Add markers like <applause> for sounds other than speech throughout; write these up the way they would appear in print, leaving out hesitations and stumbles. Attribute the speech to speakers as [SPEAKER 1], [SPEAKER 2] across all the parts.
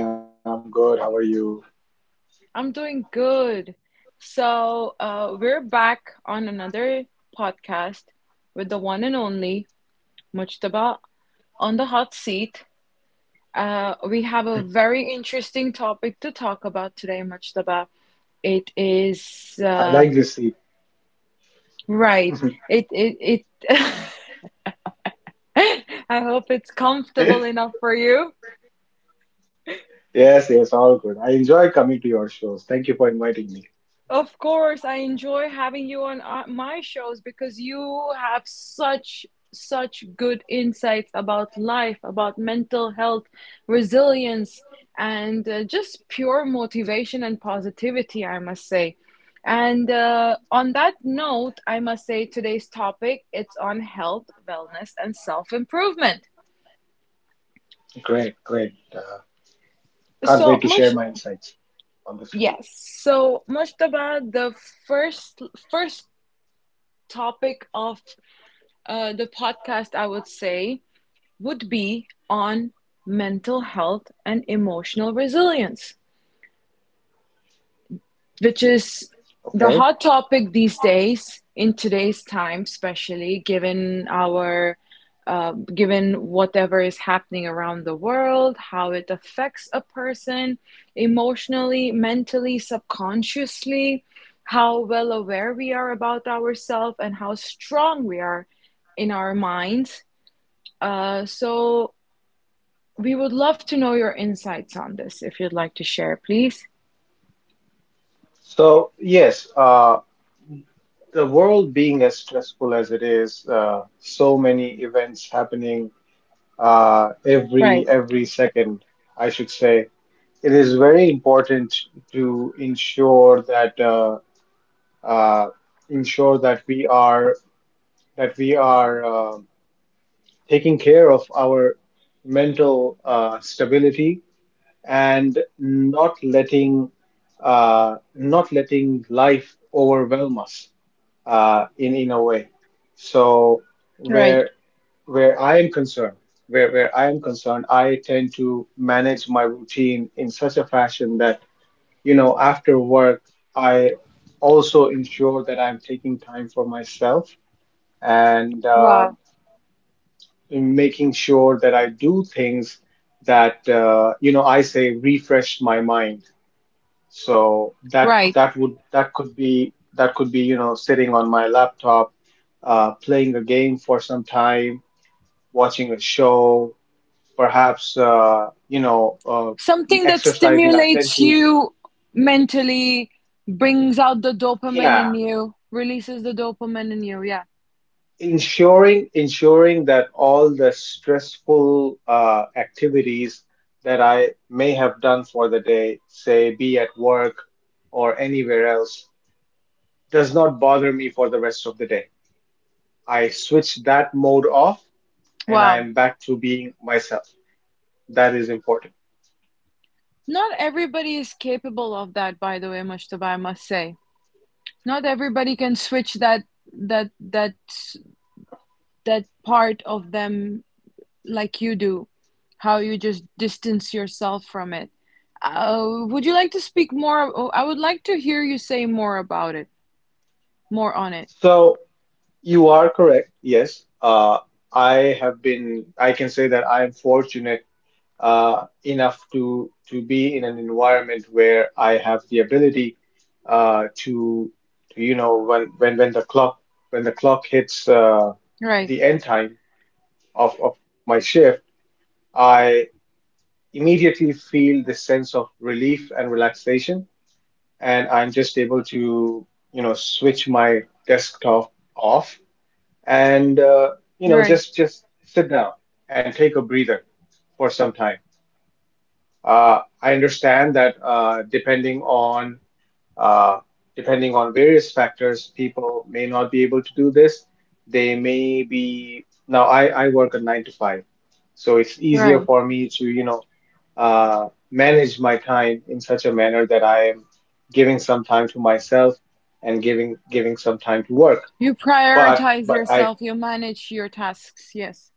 [SPEAKER 1] Hey Sanya, I'm good. How are you?
[SPEAKER 2] I'm doing good. So, we're back on another podcast with the one and only Mujtaba on the hot seat. We have a very interesting topic to talk about today, Mujtaba. It is,
[SPEAKER 1] I like this seat.
[SPEAKER 2] right. It. <laughs> <laughs> I hope it's comfortable
[SPEAKER 1] <laughs>
[SPEAKER 2] enough for you.
[SPEAKER 1] Yes, yes, all good. I enjoy coming to your shows. Thank you for inviting me.
[SPEAKER 2] Of course, I enjoy having you on my shows, because you have such good insights about life, about mental health, resilience, and just pure motivation and positivity, I must say. And on that note, I must say today's topic, it's on health, wellness, and self improvement.
[SPEAKER 1] Great, great. Can't
[SPEAKER 2] So
[SPEAKER 1] wait to
[SPEAKER 2] much.
[SPEAKER 1] share my insights on this one.
[SPEAKER 2] Yes. So, Mustaba, the first first topic of the podcast, I would say, would be on mental health and emotional resilience, which is the
[SPEAKER 1] Okay.
[SPEAKER 2] hot topic these days in today's time, especially given our given whatever is happening around the world, how it affects a person emotionally, mentally, subconsciously, how well aware we are about ourselves, and how strong we are in our minds. So we would love to know your insights on this, if you'd like to share, please.
[SPEAKER 1] So, yes, uh, the world being as stressful as it is, so many events happening uh, every
[SPEAKER 2] Right.
[SPEAKER 1] every second, I should say. It is very important to uh, ensure that we are taking care of our mental stability and not letting not letting life overwhelm us in a way. So
[SPEAKER 2] Right.
[SPEAKER 1] where where I am concerned, I tend to manage my routine in such a fashion that you know after work I also ensure that I'm taking time for myself and
[SPEAKER 2] Wow.
[SPEAKER 1] in making sure that I do things that you know I say refresh my mind. So that
[SPEAKER 2] Right.
[SPEAKER 1] that would that could be you know sitting on my laptop, playing a game for some time, watching a show, perhaps
[SPEAKER 2] Something that
[SPEAKER 1] exercising. I tend
[SPEAKER 2] stimulates
[SPEAKER 1] to
[SPEAKER 2] you mentally, brings out the dopamine
[SPEAKER 1] yeah
[SPEAKER 2] in you, releases the dopamine in you. Yeah.
[SPEAKER 1] Ensuring that all the stressful activities that I may have done for the day, say be at work or anywhere else, does not bother me for the rest of the day. I switch that mode off and I
[SPEAKER 2] Wow.
[SPEAKER 1] am back to being myself. That is important.
[SPEAKER 2] Not everybody is capable of that, by the way, Mustafa, I must say. Not everybody can switch that that that part of them like you do, how you just distance yourself from it. Would you like to speak more? Oh, I would like to hear you say more about it, more on it.
[SPEAKER 1] So you are correct. Yes, I have been. I can say that I am fortunate enough to be in an environment where I have the ability uh, to, to you know when the clock hits
[SPEAKER 2] Right,
[SPEAKER 1] the end time of my shift, I immediately feel this sense of relief and relaxation, and I'm just able to you know switch my desktop off and you know
[SPEAKER 2] right,
[SPEAKER 1] just sit down and take a breather for some time. I understand that uh, depending on various factors, people may not be able to do this. They may be now. I work a nine to five, so it's easier
[SPEAKER 2] right.
[SPEAKER 1] for me to you know manage my time in such a manner that I am giving some time to myself and giving some time to work.
[SPEAKER 2] You prioritize
[SPEAKER 1] But I
[SPEAKER 2] yourself, you manage your tasks, yes.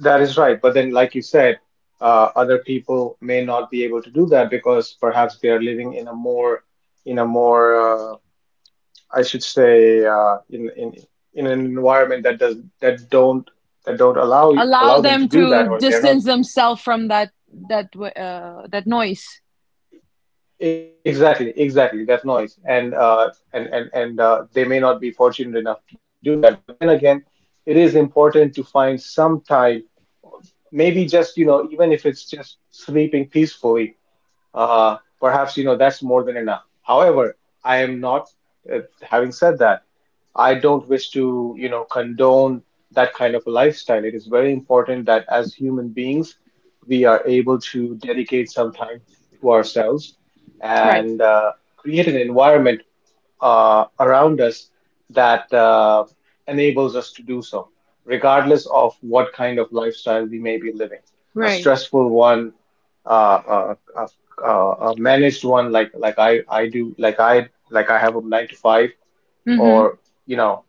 [SPEAKER 1] That is right. But then, like you said, other people may not be able to do that because perhaps they are living in a more, I should say, in an environment that does that don't allow
[SPEAKER 2] Allow
[SPEAKER 1] allow them
[SPEAKER 2] them
[SPEAKER 1] to do
[SPEAKER 2] to
[SPEAKER 1] that, or they're not
[SPEAKER 2] distance themselves from that noise.
[SPEAKER 1] exactly that noise, and they may not be fortunate enough to do that. But then again, it is important to find some time, maybe just you know, even if it's just sleeping peacefully perhaps you know that's more than enough. However, I am not. Having said that, I don't wish to you know condone that kind of a lifestyle. It is very important that as human beings, we are able to dedicate some time to ourselves
[SPEAKER 2] Right.
[SPEAKER 1] and create an environment around us that enables us to do so, regardless of what kind of lifestyle we may be living. A
[SPEAKER 2] Right.
[SPEAKER 1] stressful one, uh, a, a, a a managed one, like I do, like I have a nine to five,
[SPEAKER 2] Mhm.
[SPEAKER 1] or you know,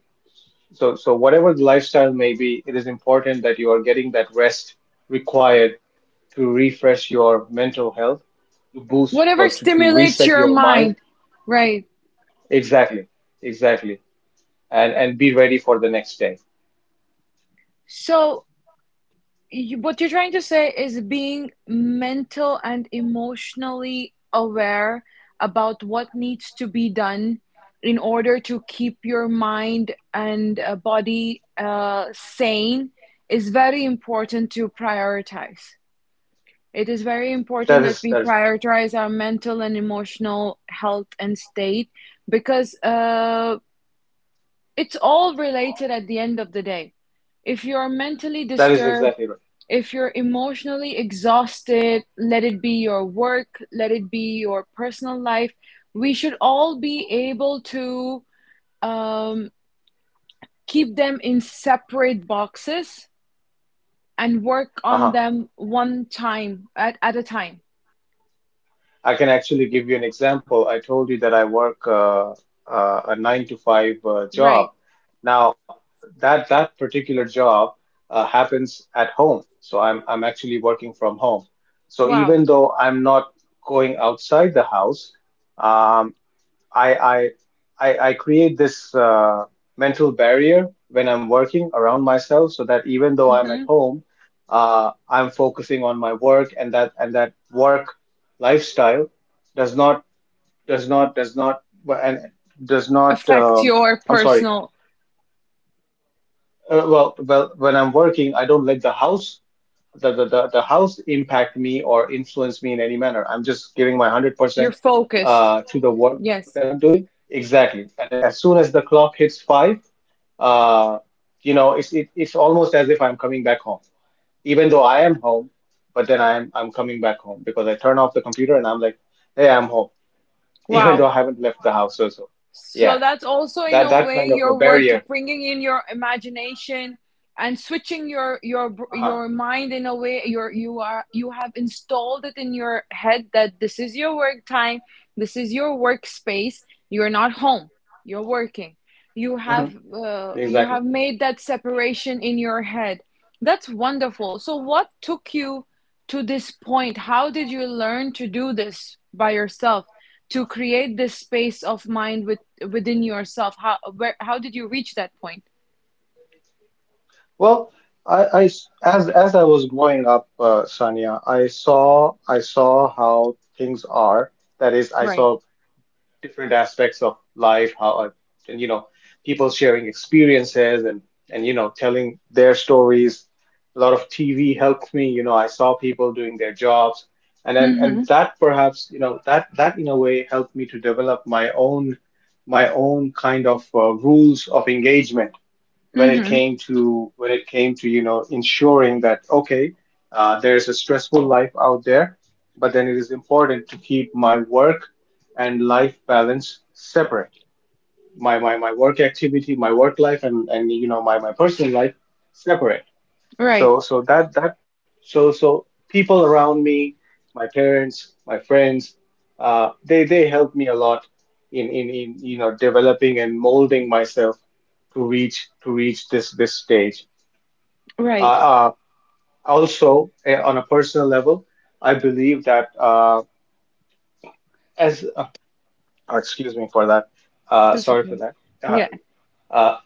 [SPEAKER 1] so so whatever the lifestyle may be, it is important that you are getting that rest required to refresh your mental health, to
[SPEAKER 2] Whatever stimulates
[SPEAKER 1] reset
[SPEAKER 2] your
[SPEAKER 1] your mind.
[SPEAKER 2] mind. Right.
[SPEAKER 1] Exactly, exactly. And be ready for the next day.
[SPEAKER 2] So what you're trying to say is, being mental and emotionally aware about what needs to be done in order to keep your mind and body sane is very important to prioritize. It is very
[SPEAKER 1] That
[SPEAKER 2] important that
[SPEAKER 1] is
[SPEAKER 2] we
[SPEAKER 1] that is
[SPEAKER 2] prioritize our mental and emotional health and state, because it's all related at the end of the day. If you're mentally
[SPEAKER 1] that is
[SPEAKER 2] disturbed,
[SPEAKER 1] exactly right.
[SPEAKER 2] if you're emotionally exhausted, let it be your work, let it be your personal life. We should all be able to, um, keep them in separate boxes and work on
[SPEAKER 1] Uh-huh.
[SPEAKER 2] them one time at a time.
[SPEAKER 1] I can actually give you an example. I told you that I work a nine to five
[SPEAKER 2] Right.
[SPEAKER 1] job. Now that particular job happens at home, so I'm actually working from home. So
[SPEAKER 2] Wow.
[SPEAKER 1] even though I'm not going outside the house, um. I I I create this mental barrier when I'm working around myself, so that even though I'm at
[SPEAKER 2] Hmm.
[SPEAKER 1] home, I'm focusing on my work, and that work lifestyle does not does not does not well, and does not.
[SPEAKER 2] Affect your
[SPEAKER 1] I'm sorry.
[SPEAKER 2] personal,
[SPEAKER 1] When I'm working, I don't let the house impact me or influence me in any manner. I'm just giving my one hundred
[SPEAKER 2] your
[SPEAKER 1] percent
[SPEAKER 2] focus.
[SPEAKER 1] to the work that
[SPEAKER 2] Yes.
[SPEAKER 1] I'm doing. Exactly. And as soon as the clock hits five, uh, you know, it's almost as if I'm coming back home, even though I am home. But then I'm coming back home because I turn off the computer and I'm like, hey, I'm home, <laughs> even though
[SPEAKER 2] Wow.
[SPEAKER 1] I haven't left the house. So, yeah,
[SPEAKER 2] So that's also in
[SPEAKER 1] that
[SPEAKER 2] a
[SPEAKER 1] that
[SPEAKER 2] way
[SPEAKER 1] kind of a
[SPEAKER 2] your work,
[SPEAKER 1] barrier.
[SPEAKER 2] bringing in your imagination and switching your your
[SPEAKER 1] Uh-huh.
[SPEAKER 2] your mind in a way. Your you are you have installed it in your head that this is your work time, this is your workspace. You're not home. You're working. You have
[SPEAKER 1] Mhm.
[SPEAKER 2] uh, you
[SPEAKER 1] Exactly.
[SPEAKER 2] have made that separation in your head. That's wonderful. So what took you to this point? How did you learn to do this by yourself, to create this space of mind within yourself? How did you reach that point?
[SPEAKER 1] Well, I s- as I was growing up, Sanya, I saw how things are. That is, I
[SPEAKER 2] Right.
[SPEAKER 1] saw different aspects of life, how I, and you know, people sharing experiences and you know, telling their stories. A lot of TV helped me. You know, I saw people doing their jobs, and then and
[SPEAKER 2] Mhm.
[SPEAKER 1] that perhaps you know that that in a way helped me to develop my own kind of rules of engagement when it
[SPEAKER 2] Mhm.
[SPEAKER 1] came to you know ensuring that okay there's a stressful life out there but then it is important to keep my work and life balance separate my work activity my work life and you know my personal life separate
[SPEAKER 2] Right.
[SPEAKER 1] so so that that so so people around me, my parents, my friends, they helped me a lot in you know developing and molding myself to reach this this stage.
[SPEAKER 2] Right.
[SPEAKER 1] Uh, uh, Also on a personal level, I believe that as oh, excuse me for that,
[SPEAKER 2] That's
[SPEAKER 1] sorry for
[SPEAKER 2] okay.
[SPEAKER 1] that. Uh,
[SPEAKER 2] Yeah.
[SPEAKER 1] uh,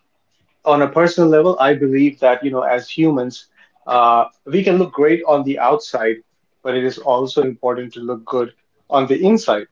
[SPEAKER 1] on a personal level, I believe that, you know, as humans, we can look great on the outside, but it is also important to look good on the inside.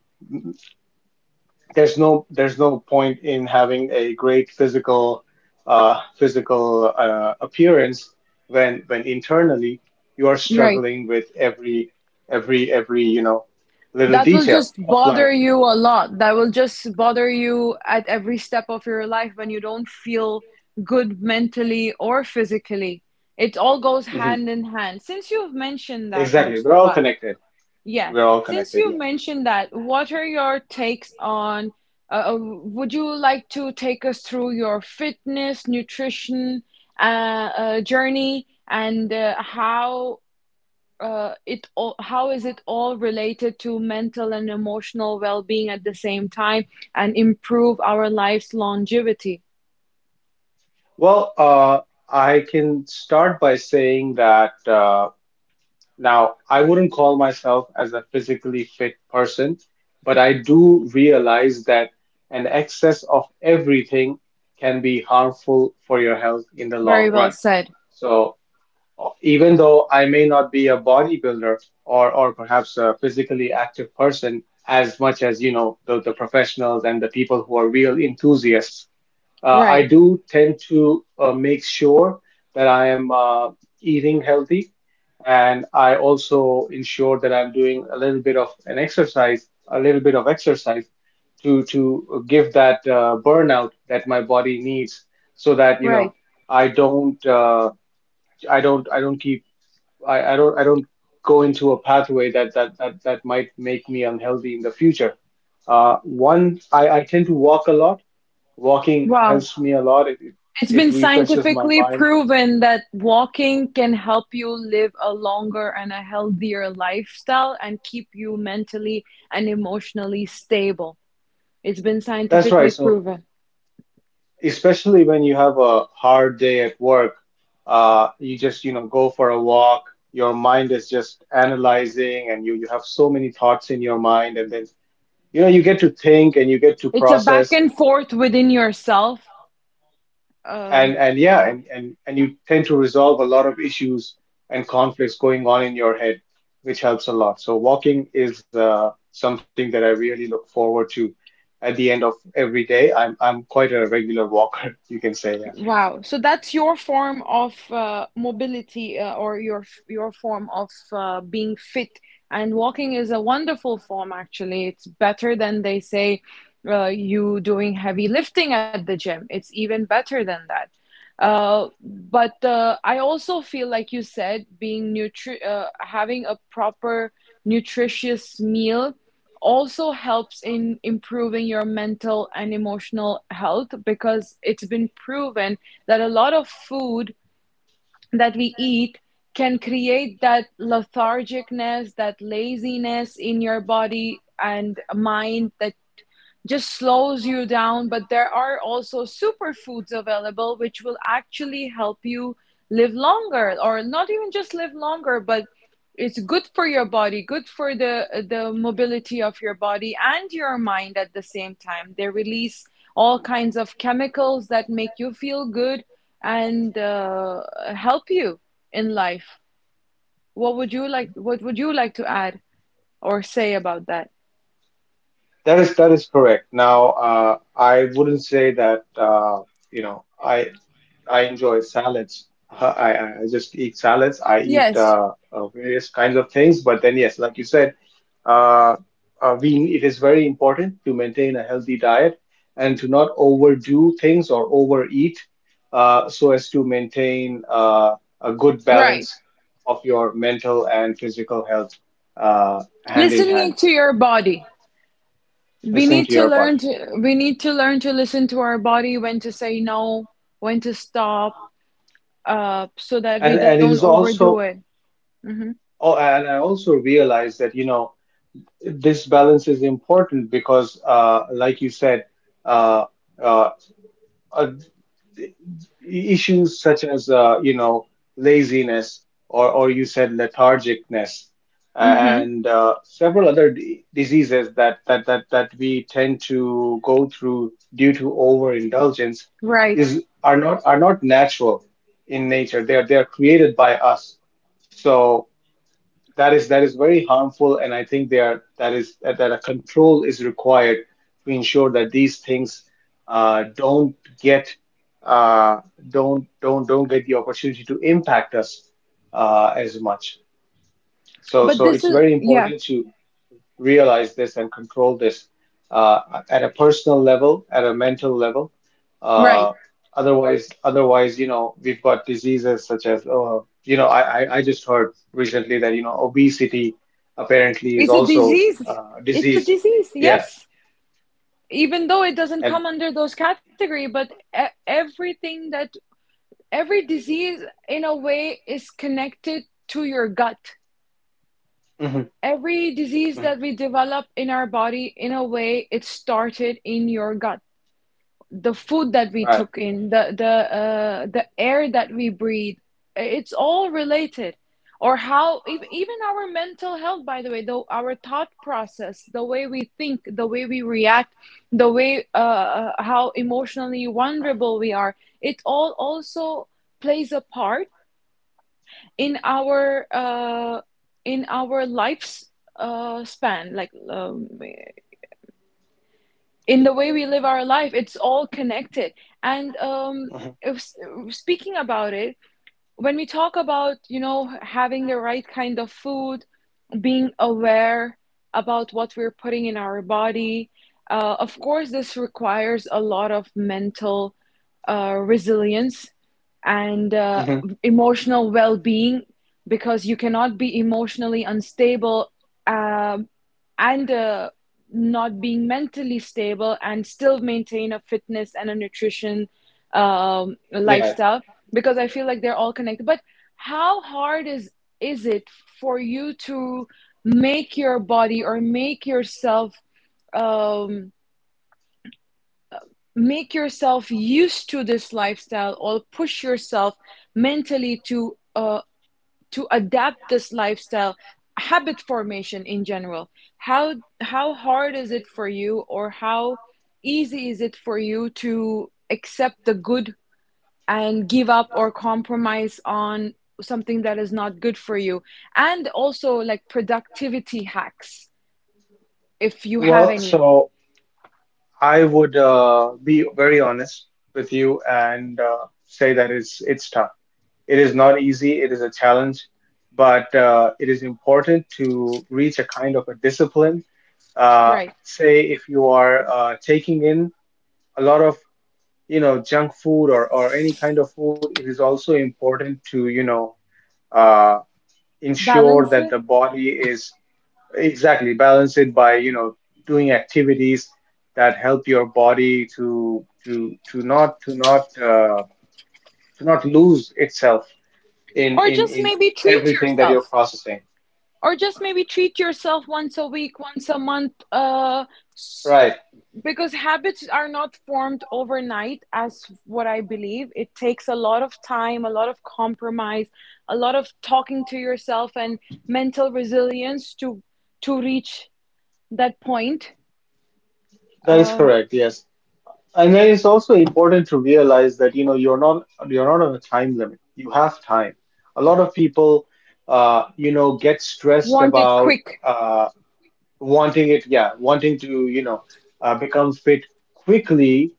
[SPEAKER 1] There's no point in having a great physical appearance when internally you are
[SPEAKER 2] Right.
[SPEAKER 1] struggling with every you know little
[SPEAKER 2] That will
[SPEAKER 1] detail
[SPEAKER 2] just
[SPEAKER 1] of life.
[SPEAKER 2] bother you a lot, that will just bother you at every step of your life when you don't feel good mentally or physically. It all goes
[SPEAKER 1] Mhm.
[SPEAKER 2] hand in hand, since you've mentioned that
[SPEAKER 1] Exactly,
[SPEAKER 2] much.
[SPEAKER 1] we're all connected.
[SPEAKER 2] Yes.
[SPEAKER 1] We're all
[SPEAKER 2] Since
[SPEAKER 1] connected.
[SPEAKER 2] you
[SPEAKER 1] Yeah.
[SPEAKER 2] mentioned that, what are your takes on? Would you like to take us through your fitness, nutrition, uh, journey, and how is it all related to mental and emotional well-being at the same time, and improve our life's longevity?
[SPEAKER 1] Well, I can start by saying that now I wouldn't call myself as a physically fit person, but I do realize that an excess of everything can be harmful for your health in the
[SPEAKER 2] Very
[SPEAKER 1] long
[SPEAKER 2] well
[SPEAKER 1] run.
[SPEAKER 2] said.
[SPEAKER 1] So even though I may not be a bodybuilder or perhaps a physically active person as much as you know the professionals and the people who are real enthusiasts, I
[SPEAKER 2] Right.
[SPEAKER 1] do tend to make sure that I am eating healthy, and I also ensure that I'm doing a little bit of an exercise, a little bit of exercise to give that burnout that my body needs, so that you
[SPEAKER 2] Right.
[SPEAKER 1] know I don't I don't I don't keep I don't go into a pathway that that might make me unhealthy in the future. One, I tend to walk a lot. Walking
[SPEAKER 2] Wow.
[SPEAKER 1] helps me a lot.
[SPEAKER 2] It's
[SPEAKER 1] It
[SPEAKER 2] been
[SPEAKER 1] refreshes my
[SPEAKER 2] scientifically
[SPEAKER 1] mind.
[SPEAKER 2] proven that walking can help you live a longer and a healthier lifestyle and keep you mentally and emotionally stable. It's been
[SPEAKER 1] That's right.
[SPEAKER 2] scientifically
[SPEAKER 1] So
[SPEAKER 2] proven.
[SPEAKER 1] especially when you have a hard day at work, you just, you know, go for a walk. Your mind is just analyzing and you have so many thoughts in your mind and then, you know, you get to think and you get to
[SPEAKER 2] It's a back
[SPEAKER 1] process.
[SPEAKER 2] and forth within yourself. Um,
[SPEAKER 1] And yeah and you tend to resolve a lot of issues and conflicts going on in your head which helps a lot, so walking is something that I really look forward to at the end of every day. I'm quite a regular walker, <laughs> you can say. Yeah,
[SPEAKER 2] Wow. So that's your form of mobility, or your form of being fit. And walking is a wonderful form, actually. It's better than they say, you doing heavy lifting at the gym. It's even better than that. But I also feel, like you said, being nutri having a proper nutritious meal also helps in improving your mental and emotional health, because it's been proven that a lot of food that we eat can create that lethargicness, that laziness in your body and mind that just slows you down. But there are also superfoods available which will actually help you live longer, or not even just live longer, but it's good for your body, good for the mobility of your body and your mind at the same time. They release all kinds of chemicals that make you feel good and help you in life. What would you like? What would you like to add or say about that?
[SPEAKER 1] that is correct. Now I wouldn't say that you know I I enjoy salads. I just eat salads. I eat
[SPEAKER 2] Yes,
[SPEAKER 1] various kinds of things, but then yes, like you said, uh, we it is very important to maintain a healthy diet and to not overdo things or overeat so as to maintain a good balance
[SPEAKER 2] right.
[SPEAKER 1] of your mental and physical health, hand in hand,
[SPEAKER 2] Listening to your body, we
[SPEAKER 1] listening
[SPEAKER 2] need
[SPEAKER 1] to
[SPEAKER 2] to
[SPEAKER 1] your body.
[SPEAKER 2] learn to we need to learn to listen to our body, when to say no, when to stop, so that we
[SPEAKER 1] and
[SPEAKER 2] don't
[SPEAKER 1] and it is
[SPEAKER 2] overdo it.
[SPEAKER 1] also,
[SPEAKER 2] Mhm.
[SPEAKER 1] oh, and I also realize that this balance is important because, like you said, uh, uh, uh, issues such as, laziness or you said lethargicness, uh,
[SPEAKER 2] Mhm.
[SPEAKER 1] and several other d diseases that we tend to go through due to overindulgence
[SPEAKER 2] Right.
[SPEAKER 1] is are not, are not natural in nature. They are, they are created by us. So that is, that is very harmful, and I think they are that is that, that a control is required to ensure that these things don't get uh, don't get the opportunity to impact us as much. So,
[SPEAKER 2] But
[SPEAKER 1] so
[SPEAKER 2] this
[SPEAKER 1] it's
[SPEAKER 2] is.
[SPEAKER 1] very
[SPEAKER 2] Yeah.
[SPEAKER 1] important to realize this and control this, uh, at a personal level, at a mental level.
[SPEAKER 2] Right.
[SPEAKER 1] Uh, otherwise, we've got diseases such as, I just heard recently that, obesity apparently is
[SPEAKER 2] It's a
[SPEAKER 1] also
[SPEAKER 2] disease.
[SPEAKER 1] a
[SPEAKER 2] It's a
[SPEAKER 1] disease.
[SPEAKER 2] disease.
[SPEAKER 1] Yeah.
[SPEAKER 2] Yes, even though it doesn't
[SPEAKER 1] And
[SPEAKER 2] come under those category, but everything that, every disease in a way, is connected to your gut.
[SPEAKER 1] mhm,
[SPEAKER 2] Every disease
[SPEAKER 1] mhm,
[SPEAKER 2] that we develop in our body, in a way, it started in your gut. The food that we
[SPEAKER 1] right.
[SPEAKER 2] took in, the air that we breathe, it's all related. Or how even our mental health, by the way, though our thought process, the way we think, the way we react, the way, how emotionally vulnerable we are, it all also plays a part in our life's span, like, in the way we live our life, it's all connected. And
[SPEAKER 1] Mhm,
[SPEAKER 2] if, speaking about it, when we talk about, you know, having the right kind of food, being aware about what we're putting in our body. Of course, this requires a lot of mental resilience and
[SPEAKER 1] mhm.
[SPEAKER 2] emotional well being, because you cannot be emotionally unstable, um and not being mentally stable, and still maintain a fitness and a nutrition,
[SPEAKER 1] Yeah.
[SPEAKER 2] lifestyle, because I feel like they're all connected. But how hard is it for you to make your body, or make yourself, um make yourself used to this lifestyle, or push yourself mentally to adapt this lifestyle, habit formation in general? How hard is it for you, or how easy is it for you to accept the good and give up or compromise on something that is not good for you, and also like productivity hacks, if you have
[SPEAKER 1] Well,
[SPEAKER 2] any?
[SPEAKER 1] so I would be very honest with you and say that it's tough. It is not easy, it is a challenge, but it is important to reach a kind of a discipline.
[SPEAKER 2] Right.
[SPEAKER 1] Say if you are taking in a lot of, junk food or any kind of food, it is also important to, uh, ensure
[SPEAKER 2] Balance
[SPEAKER 1] that
[SPEAKER 2] it.
[SPEAKER 1] the body is, exactly, balance it by, doing activities that help your body to not to not to not lose itself in
[SPEAKER 2] Or
[SPEAKER 1] in
[SPEAKER 2] just
[SPEAKER 1] in
[SPEAKER 2] maybe treat
[SPEAKER 1] everything that you're
[SPEAKER 2] yourself.
[SPEAKER 1] processing,
[SPEAKER 2] Or just maybe treat yourself once a week, once a month,
[SPEAKER 1] right.
[SPEAKER 2] because habits are not formed overnight, as what I believe. It takes a lot of time, a lot of compromise, a lot of talking to yourself and mental resilience to reach that point.
[SPEAKER 1] That is
[SPEAKER 2] Uh,
[SPEAKER 1] correct, yes. And then it's also important to realize that, you're not, you're not on a time limit. You have time. A lot of people, get stressed
[SPEAKER 2] want it
[SPEAKER 1] about,
[SPEAKER 2] quick.
[SPEAKER 1] uh wanting it, yeah, wanting to, become fit quickly,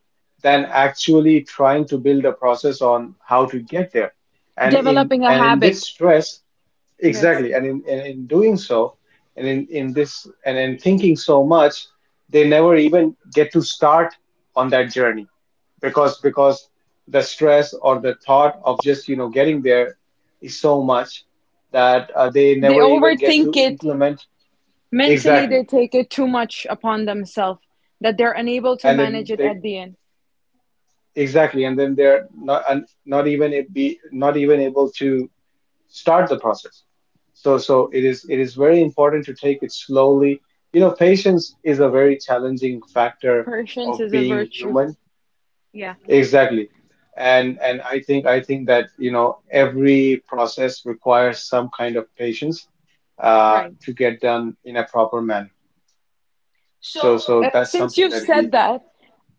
[SPEAKER 1] than actually trying to build a process on how to get there. and in
[SPEAKER 2] Developing a
[SPEAKER 1] and in this
[SPEAKER 2] habit.
[SPEAKER 1] stress,
[SPEAKER 2] Yes.
[SPEAKER 1] exactly. And in doing so, and in this, and in thinking so much, they never even get to start on that journey because the stress or the thought of just, getting there is so much that they
[SPEAKER 2] They
[SPEAKER 1] never even get
[SPEAKER 2] overthink
[SPEAKER 1] to
[SPEAKER 2] it.
[SPEAKER 1] implement.
[SPEAKER 2] Mentally,
[SPEAKER 1] Exactly.
[SPEAKER 2] they take it too much upon themselves, that they're unable to
[SPEAKER 1] And
[SPEAKER 2] manage
[SPEAKER 1] then
[SPEAKER 2] it
[SPEAKER 1] they,
[SPEAKER 2] at the end.
[SPEAKER 1] exactly. And then they're not, and not even, a- be, not even able to start the process. So, so it is, it is very important to take it slowly. Patience is a very challenging factor
[SPEAKER 2] Patience
[SPEAKER 1] of
[SPEAKER 2] is a
[SPEAKER 1] being
[SPEAKER 2] virtue.
[SPEAKER 1] human.
[SPEAKER 2] Yeah,
[SPEAKER 1] Exactly. And I think that, every process requires some kind of patience,
[SPEAKER 2] right.
[SPEAKER 1] to get done in a proper manner. So,
[SPEAKER 2] So,
[SPEAKER 1] so that's
[SPEAKER 2] since
[SPEAKER 1] something
[SPEAKER 2] you've
[SPEAKER 1] that we,
[SPEAKER 2] said that,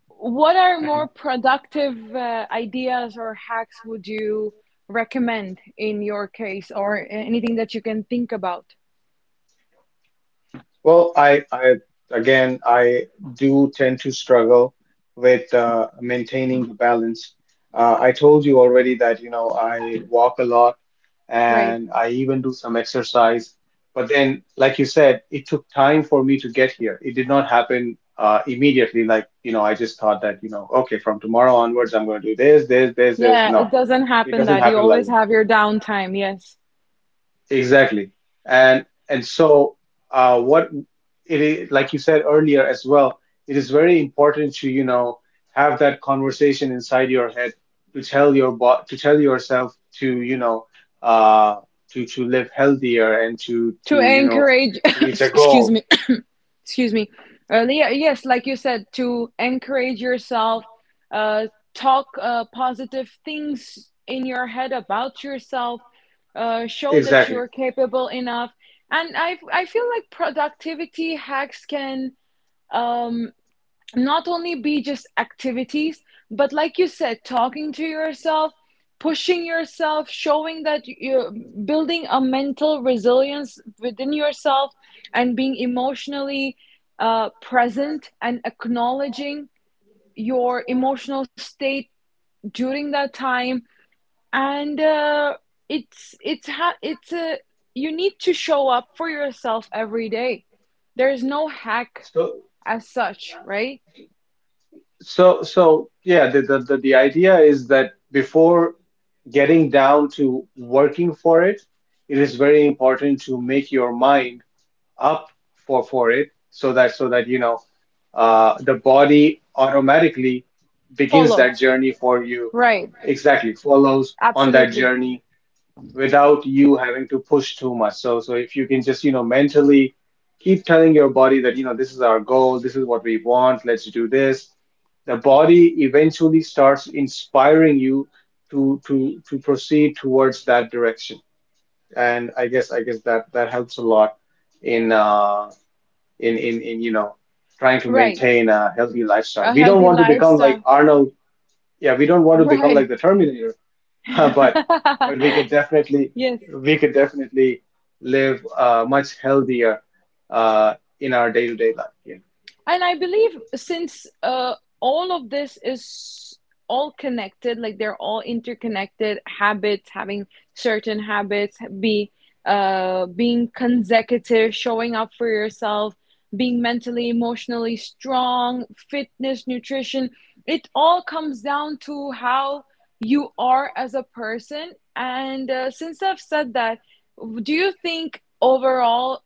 [SPEAKER 2] what are
[SPEAKER 1] mhm.
[SPEAKER 2] more productive ideas or hacks would you recommend in your case, or anything that you can think about?
[SPEAKER 1] Well, I again, I do tend to struggle with, maintaining the balance. I told you already that, I walk a lot
[SPEAKER 2] Right.
[SPEAKER 1] and I even do some exercise. But then, like you said, it took time for me to get here. It did not happen immediately. Like, I just thought that, okay, from tomorrow onwards, I'm going to do this, this, this, this.
[SPEAKER 2] Yeah,
[SPEAKER 1] No,
[SPEAKER 2] it doesn't
[SPEAKER 1] it
[SPEAKER 2] happen,
[SPEAKER 1] doesn't
[SPEAKER 2] that you
[SPEAKER 1] happen like
[SPEAKER 2] always
[SPEAKER 1] that.
[SPEAKER 2] have your downtime. Yes.
[SPEAKER 1] Exactly. And so what it is, like you said earlier as well, it is very important to, have that conversation inside your head, to tell your bo to tell yourself to, uh, to live healthier and
[SPEAKER 2] To
[SPEAKER 1] to,
[SPEAKER 2] encourage.
[SPEAKER 1] reach a
[SPEAKER 2] <coughs> Excuse
[SPEAKER 1] goal.
[SPEAKER 2] me. <coughs> Excuse me. Earlier, yes, like you said, to encourage yourself, uh talk, positive things in your head about yourself, show that
[SPEAKER 1] Exactly.
[SPEAKER 2] you're capable enough. And I feel like productivity hacks can, um not only be just activities, but like you said, talking to yourself, pushing yourself, showing that you're building a mental resilience within yourself, and being emotionally present, and acknowledging your emotional state during that time. And it's ha- it's a you need to show up for yourself every day. There's no hack
[SPEAKER 1] So
[SPEAKER 2] as such, right?
[SPEAKER 1] so yeah, the idea is that before getting down to working for it, it is very important to make your mind up for it, so that, so that, the body automatically begins that
[SPEAKER 2] Follows.
[SPEAKER 1] journey for you,
[SPEAKER 2] Right.
[SPEAKER 1] exactly, follows on that
[SPEAKER 2] Absolutely.
[SPEAKER 1] journey without you having to push too much. So, so if you can just, mentally keep telling your body that, this is our goal, this is what we want, let's do this. The body eventually starts inspiring you to proceed towards that direction. And I guess that, that helps a lot in, in trying to
[SPEAKER 2] Right.
[SPEAKER 1] maintain a healthy lifestyle.
[SPEAKER 2] A
[SPEAKER 1] We don't
[SPEAKER 2] healthy
[SPEAKER 1] want to become like
[SPEAKER 2] lifestyle.
[SPEAKER 1] Arnold. Yeah, we don't want to become
[SPEAKER 2] Right.
[SPEAKER 1] like the Terminator, <laughs> but but we could
[SPEAKER 2] <laughs>
[SPEAKER 1] definitely,
[SPEAKER 2] Yes.
[SPEAKER 1] we could definitely live, much healthier uh, in our day-to-day life. Yeah.
[SPEAKER 2] And I believe, since all of this is all connected, like they're all interconnected habits, having certain habits, be being consecutive, showing up for yourself, being mentally, emotionally strong, fitness, nutrition. It all comes down to how you are as a person. And since I've said that, do you think overall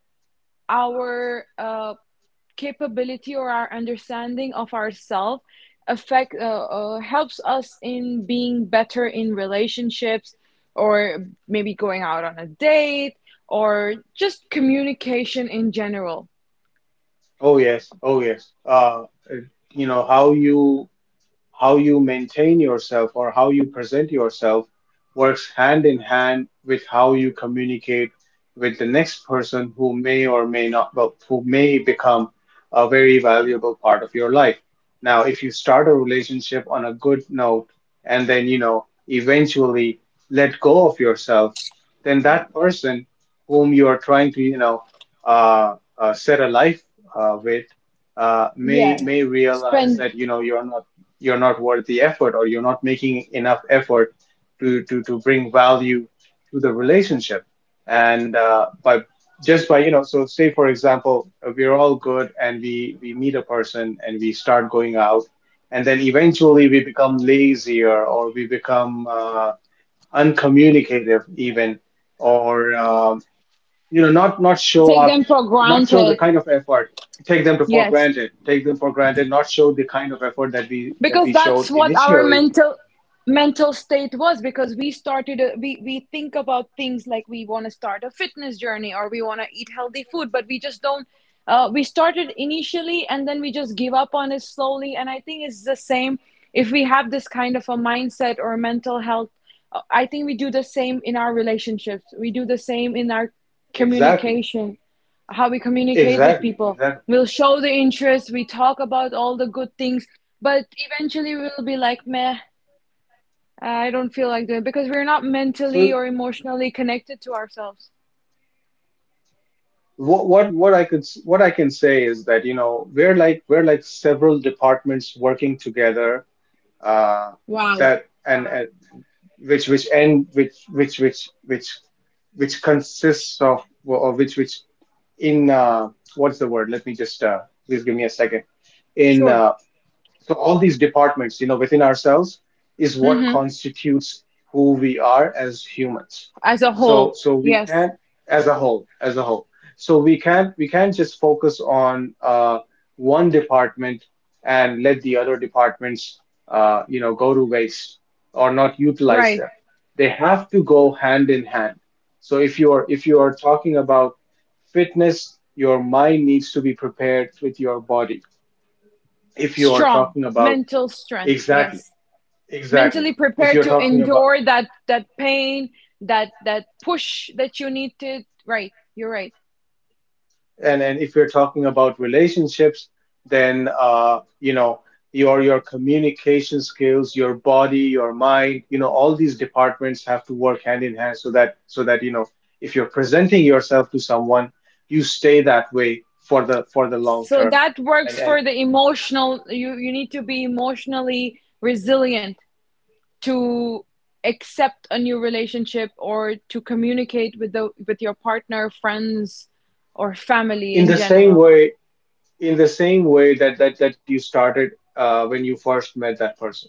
[SPEAKER 2] our capability, or our understanding of ourselves, affect helps us in being better in relationships, or maybe going out on a date, or just communication in general?
[SPEAKER 1] Oh yes, oh yes. How you, how you maintain yourself or how you present yourself works hand in hand with how you communicate with the next person who may or may not, well, who may become a very valuable part of your life. Now if you start a relationship on a good note and then, eventually let go of yourself, then that person whom you are trying to, set a life with,
[SPEAKER 2] Yeah.
[SPEAKER 1] may realize
[SPEAKER 2] Spend.
[SPEAKER 1] that, you're not, you're not worth the effort, or you're not making enough effort to bring value to the relationship. And by just, by, so say for example, we're all good and we meet a person and we start going out, and then eventually we become lazier, or we become uncommunicative even, or not, not show
[SPEAKER 2] Take
[SPEAKER 1] up,
[SPEAKER 2] them for
[SPEAKER 1] not show the
[SPEAKER 2] granted.
[SPEAKER 1] kind of effort, take them to for
[SPEAKER 2] Yes,
[SPEAKER 1] granted, take them for granted, not show the kind of effort that we, that
[SPEAKER 2] because
[SPEAKER 1] we showed
[SPEAKER 2] that's what our
[SPEAKER 1] initially.
[SPEAKER 2] mental state was, because we think about things like we want to start a fitness journey, or we want to eat healthy food, but we just don't, we started initially and then we just give up on it slowly, and I think it's the same. If we have this kind of a mindset or mental health, I think we do the same in our relationships, we do the same in our
[SPEAKER 1] Exactly,
[SPEAKER 2] communication, how we communicate with
[SPEAKER 1] exactly,
[SPEAKER 2] people.
[SPEAKER 1] exactly.
[SPEAKER 2] We'll show the interest, we talk about all the good things, but eventually we'll be like, meh, I don't feel like doing, because we're
[SPEAKER 1] So
[SPEAKER 2] not mentally or emotionally connected to ourselves.
[SPEAKER 1] what I can say is that, we're like, we're like several departments working together, uh
[SPEAKER 2] Wow.
[SPEAKER 1] that, and which end which consists of, well, or which in, what's the word? Let me just, please give me a second. In,
[SPEAKER 2] Sure.
[SPEAKER 1] so all these departments, within ourselves, is what
[SPEAKER 2] Mm-hmm.
[SPEAKER 1] constitutes who we are as humans.
[SPEAKER 2] As a
[SPEAKER 1] So,
[SPEAKER 2] whole.
[SPEAKER 1] so we
[SPEAKER 2] Yes.
[SPEAKER 1] can't, as a whole, as a whole. So we can't just focus on, one department and let the other departments, go to waste or not utilize
[SPEAKER 2] Right.
[SPEAKER 1] them. They have to go hand in hand. So if you are, if you are talking about fitness, your mind needs to be prepared with your body. If you are
[SPEAKER 2] Strong.
[SPEAKER 1] talking about,
[SPEAKER 2] Mental strength.
[SPEAKER 1] exactly.
[SPEAKER 2] Yes.
[SPEAKER 1] Exactly.
[SPEAKER 2] Mentally
[SPEAKER 1] If
[SPEAKER 2] prepared
[SPEAKER 1] you're
[SPEAKER 2] to
[SPEAKER 1] talking about,
[SPEAKER 2] endure that pain, that push that you need to. Right. You're right.
[SPEAKER 1] and if you're talking about relationships, then, your communication skills, your body, your mind, all these departments have to work hand in hand, so that, so that, if you're presenting yourself to someone, you stay that way for the long
[SPEAKER 2] So
[SPEAKER 1] term.
[SPEAKER 2] that works
[SPEAKER 1] And
[SPEAKER 2] for the emotional. You need to be emotionally resilient to accept a new relationship, or to communicate with the with your partner, friends, or family
[SPEAKER 1] in
[SPEAKER 2] in
[SPEAKER 1] the same
[SPEAKER 2] general.
[SPEAKER 1] way, in the same way that, that, that you started, when you first met that person.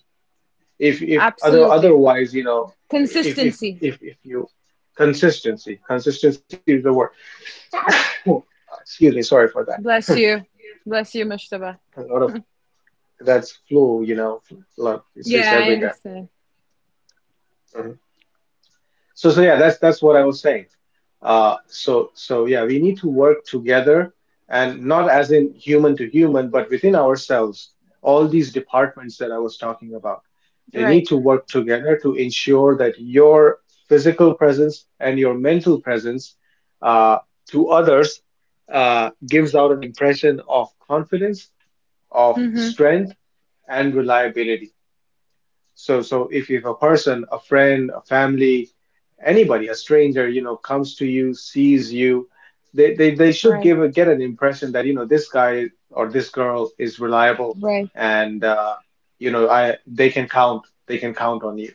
[SPEAKER 1] if if other
[SPEAKER 2] Absolutely,
[SPEAKER 1] otherwise if,
[SPEAKER 2] consistency.
[SPEAKER 1] if you, consistency, consistency is the word. Oh, excuse me, sorry for that.
[SPEAKER 2] Bless
[SPEAKER 1] <clears throat>
[SPEAKER 2] you, bless you, Mushtaba.
[SPEAKER 1] A lot of, that's flu, lot, it's
[SPEAKER 2] Yeah, I
[SPEAKER 1] everywhere.
[SPEAKER 2] understand.
[SPEAKER 1] Mm-hmm. So, so yeah, that's what I was saying. So, so yeah, we need to work together, and not as in human to human, but within ourselves. All these departments that I was talking about, they need
[SPEAKER 2] Right.
[SPEAKER 1] to work together to ensure that your physical presence and your mental presence, uh, to others, gives out an impression of confidence, of
[SPEAKER 2] Mm-hmm.
[SPEAKER 1] strength, and reliability. So, so if a person, a friend, a family, anybody, a stranger, comes to you, sees you, they should
[SPEAKER 2] Right.
[SPEAKER 1] give a, get an impression that, this guy or this girl is reliable
[SPEAKER 2] Right.
[SPEAKER 1] and, they can count on you.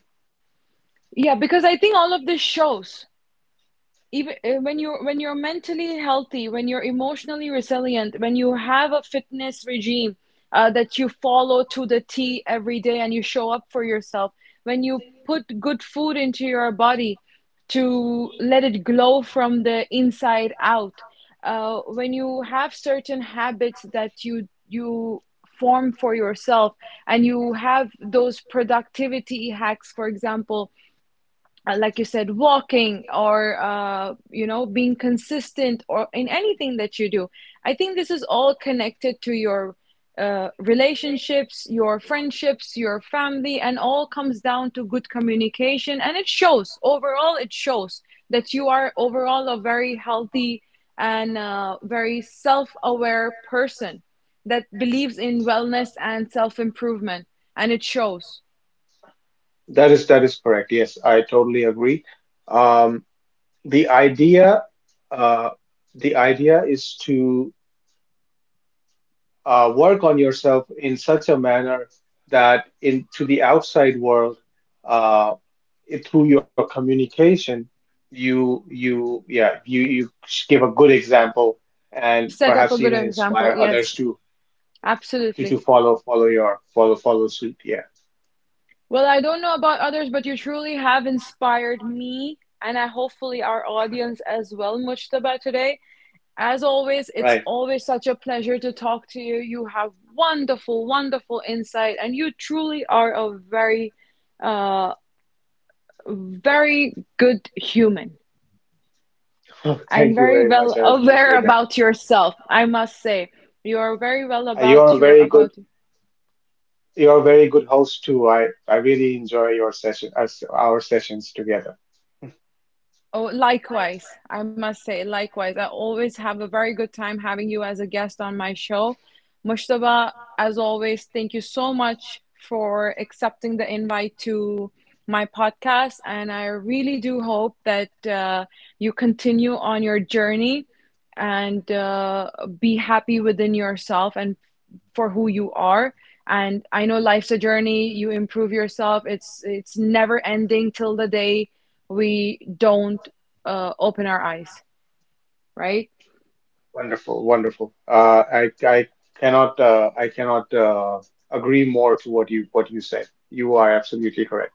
[SPEAKER 2] Yeah, because I think all of this shows, even when you're mentally healthy, when you're emotionally resilient, when you have a fitness regime that you follow to the T every day, and you show up for yourself, when you put good food into your body to let it glow from the inside out, when you have certain habits that you form for yourself, and you have those productivity hacks, for example, like you said, walking, or you know, being consistent, or in anything that you do. I think this is all connected to your relationships, your friendships, your family, and all comes down to good communication. And it shows overall. It shows that you are overall a very healthy and very self-aware person that believes in wellness and self-improvement, and it shows.
[SPEAKER 1] That is correct. Yes, I totally agree. Um, the idea, uh, the idea is to, work on yourself in such a manner that in to the outside world, uh, it, through your communication, you yeah, you give a good example and
[SPEAKER 2] Set up
[SPEAKER 1] perhaps
[SPEAKER 2] a good
[SPEAKER 1] even
[SPEAKER 2] example.
[SPEAKER 1] inspire others
[SPEAKER 2] Yes,
[SPEAKER 1] to,
[SPEAKER 2] absolutely.
[SPEAKER 1] to follow, follow your follow, follow suit, yeah,
[SPEAKER 2] Well, I don't know about others, but you truly have inspired me, and I hopefully our audience as well, Mujtaba, today. As always, it's
[SPEAKER 1] right.
[SPEAKER 2] always such a pleasure to talk to you. You have wonderful, wonderful insight, and you truly are a very, uh, very good human,
[SPEAKER 1] <laughs>
[SPEAKER 2] and
[SPEAKER 1] Thank you
[SPEAKER 2] very
[SPEAKER 1] very
[SPEAKER 2] well
[SPEAKER 1] much, I
[SPEAKER 2] aware
[SPEAKER 1] appreciate that.
[SPEAKER 2] about yourself, I must say. You are very well
[SPEAKER 1] You're
[SPEAKER 2] about
[SPEAKER 1] a
[SPEAKER 2] your,
[SPEAKER 1] very good,
[SPEAKER 2] about.
[SPEAKER 1] you're a very good host too. I really enjoy your session us our sessions together.
[SPEAKER 2] Oh, likewise. I must say, likewise. I always have a very good time having you as a guest on my show. Mushtaba, as always, thank you so much for accepting the invite to my podcast. And I really do hope that you continue on your journey, and be happy within yourself and for who you are. And I know, life's a journey, you improve yourself, it's never ending till the day we don't open our eyes. Right.
[SPEAKER 1] Wonderful, wonderful. I cannot, I cannot, agree more to what you, what you said. You are absolutely correct.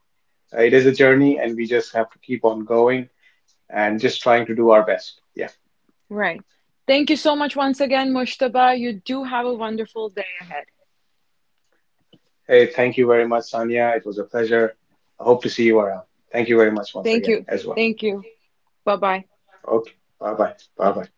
[SPEAKER 1] It is a journey, and we just have to keep on going and just trying to do our best. Yeah.
[SPEAKER 2] Right. Thank you so much once again, Mushtaba. You do have a wonderful day ahead.
[SPEAKER 1] Hey, thank you very much, Sanya. It was a pleasure. I hope to see you around. Thank you very much once
[SPEAKER 2] Thank
[SPEAKER 1] again
[SPEAKER 2] you.
[SPEAKER 1] as well.
[SPEAKER 2] Thank you. Bye bye.
[SPEAKER 1] Okay. Bye bye. Bye bye.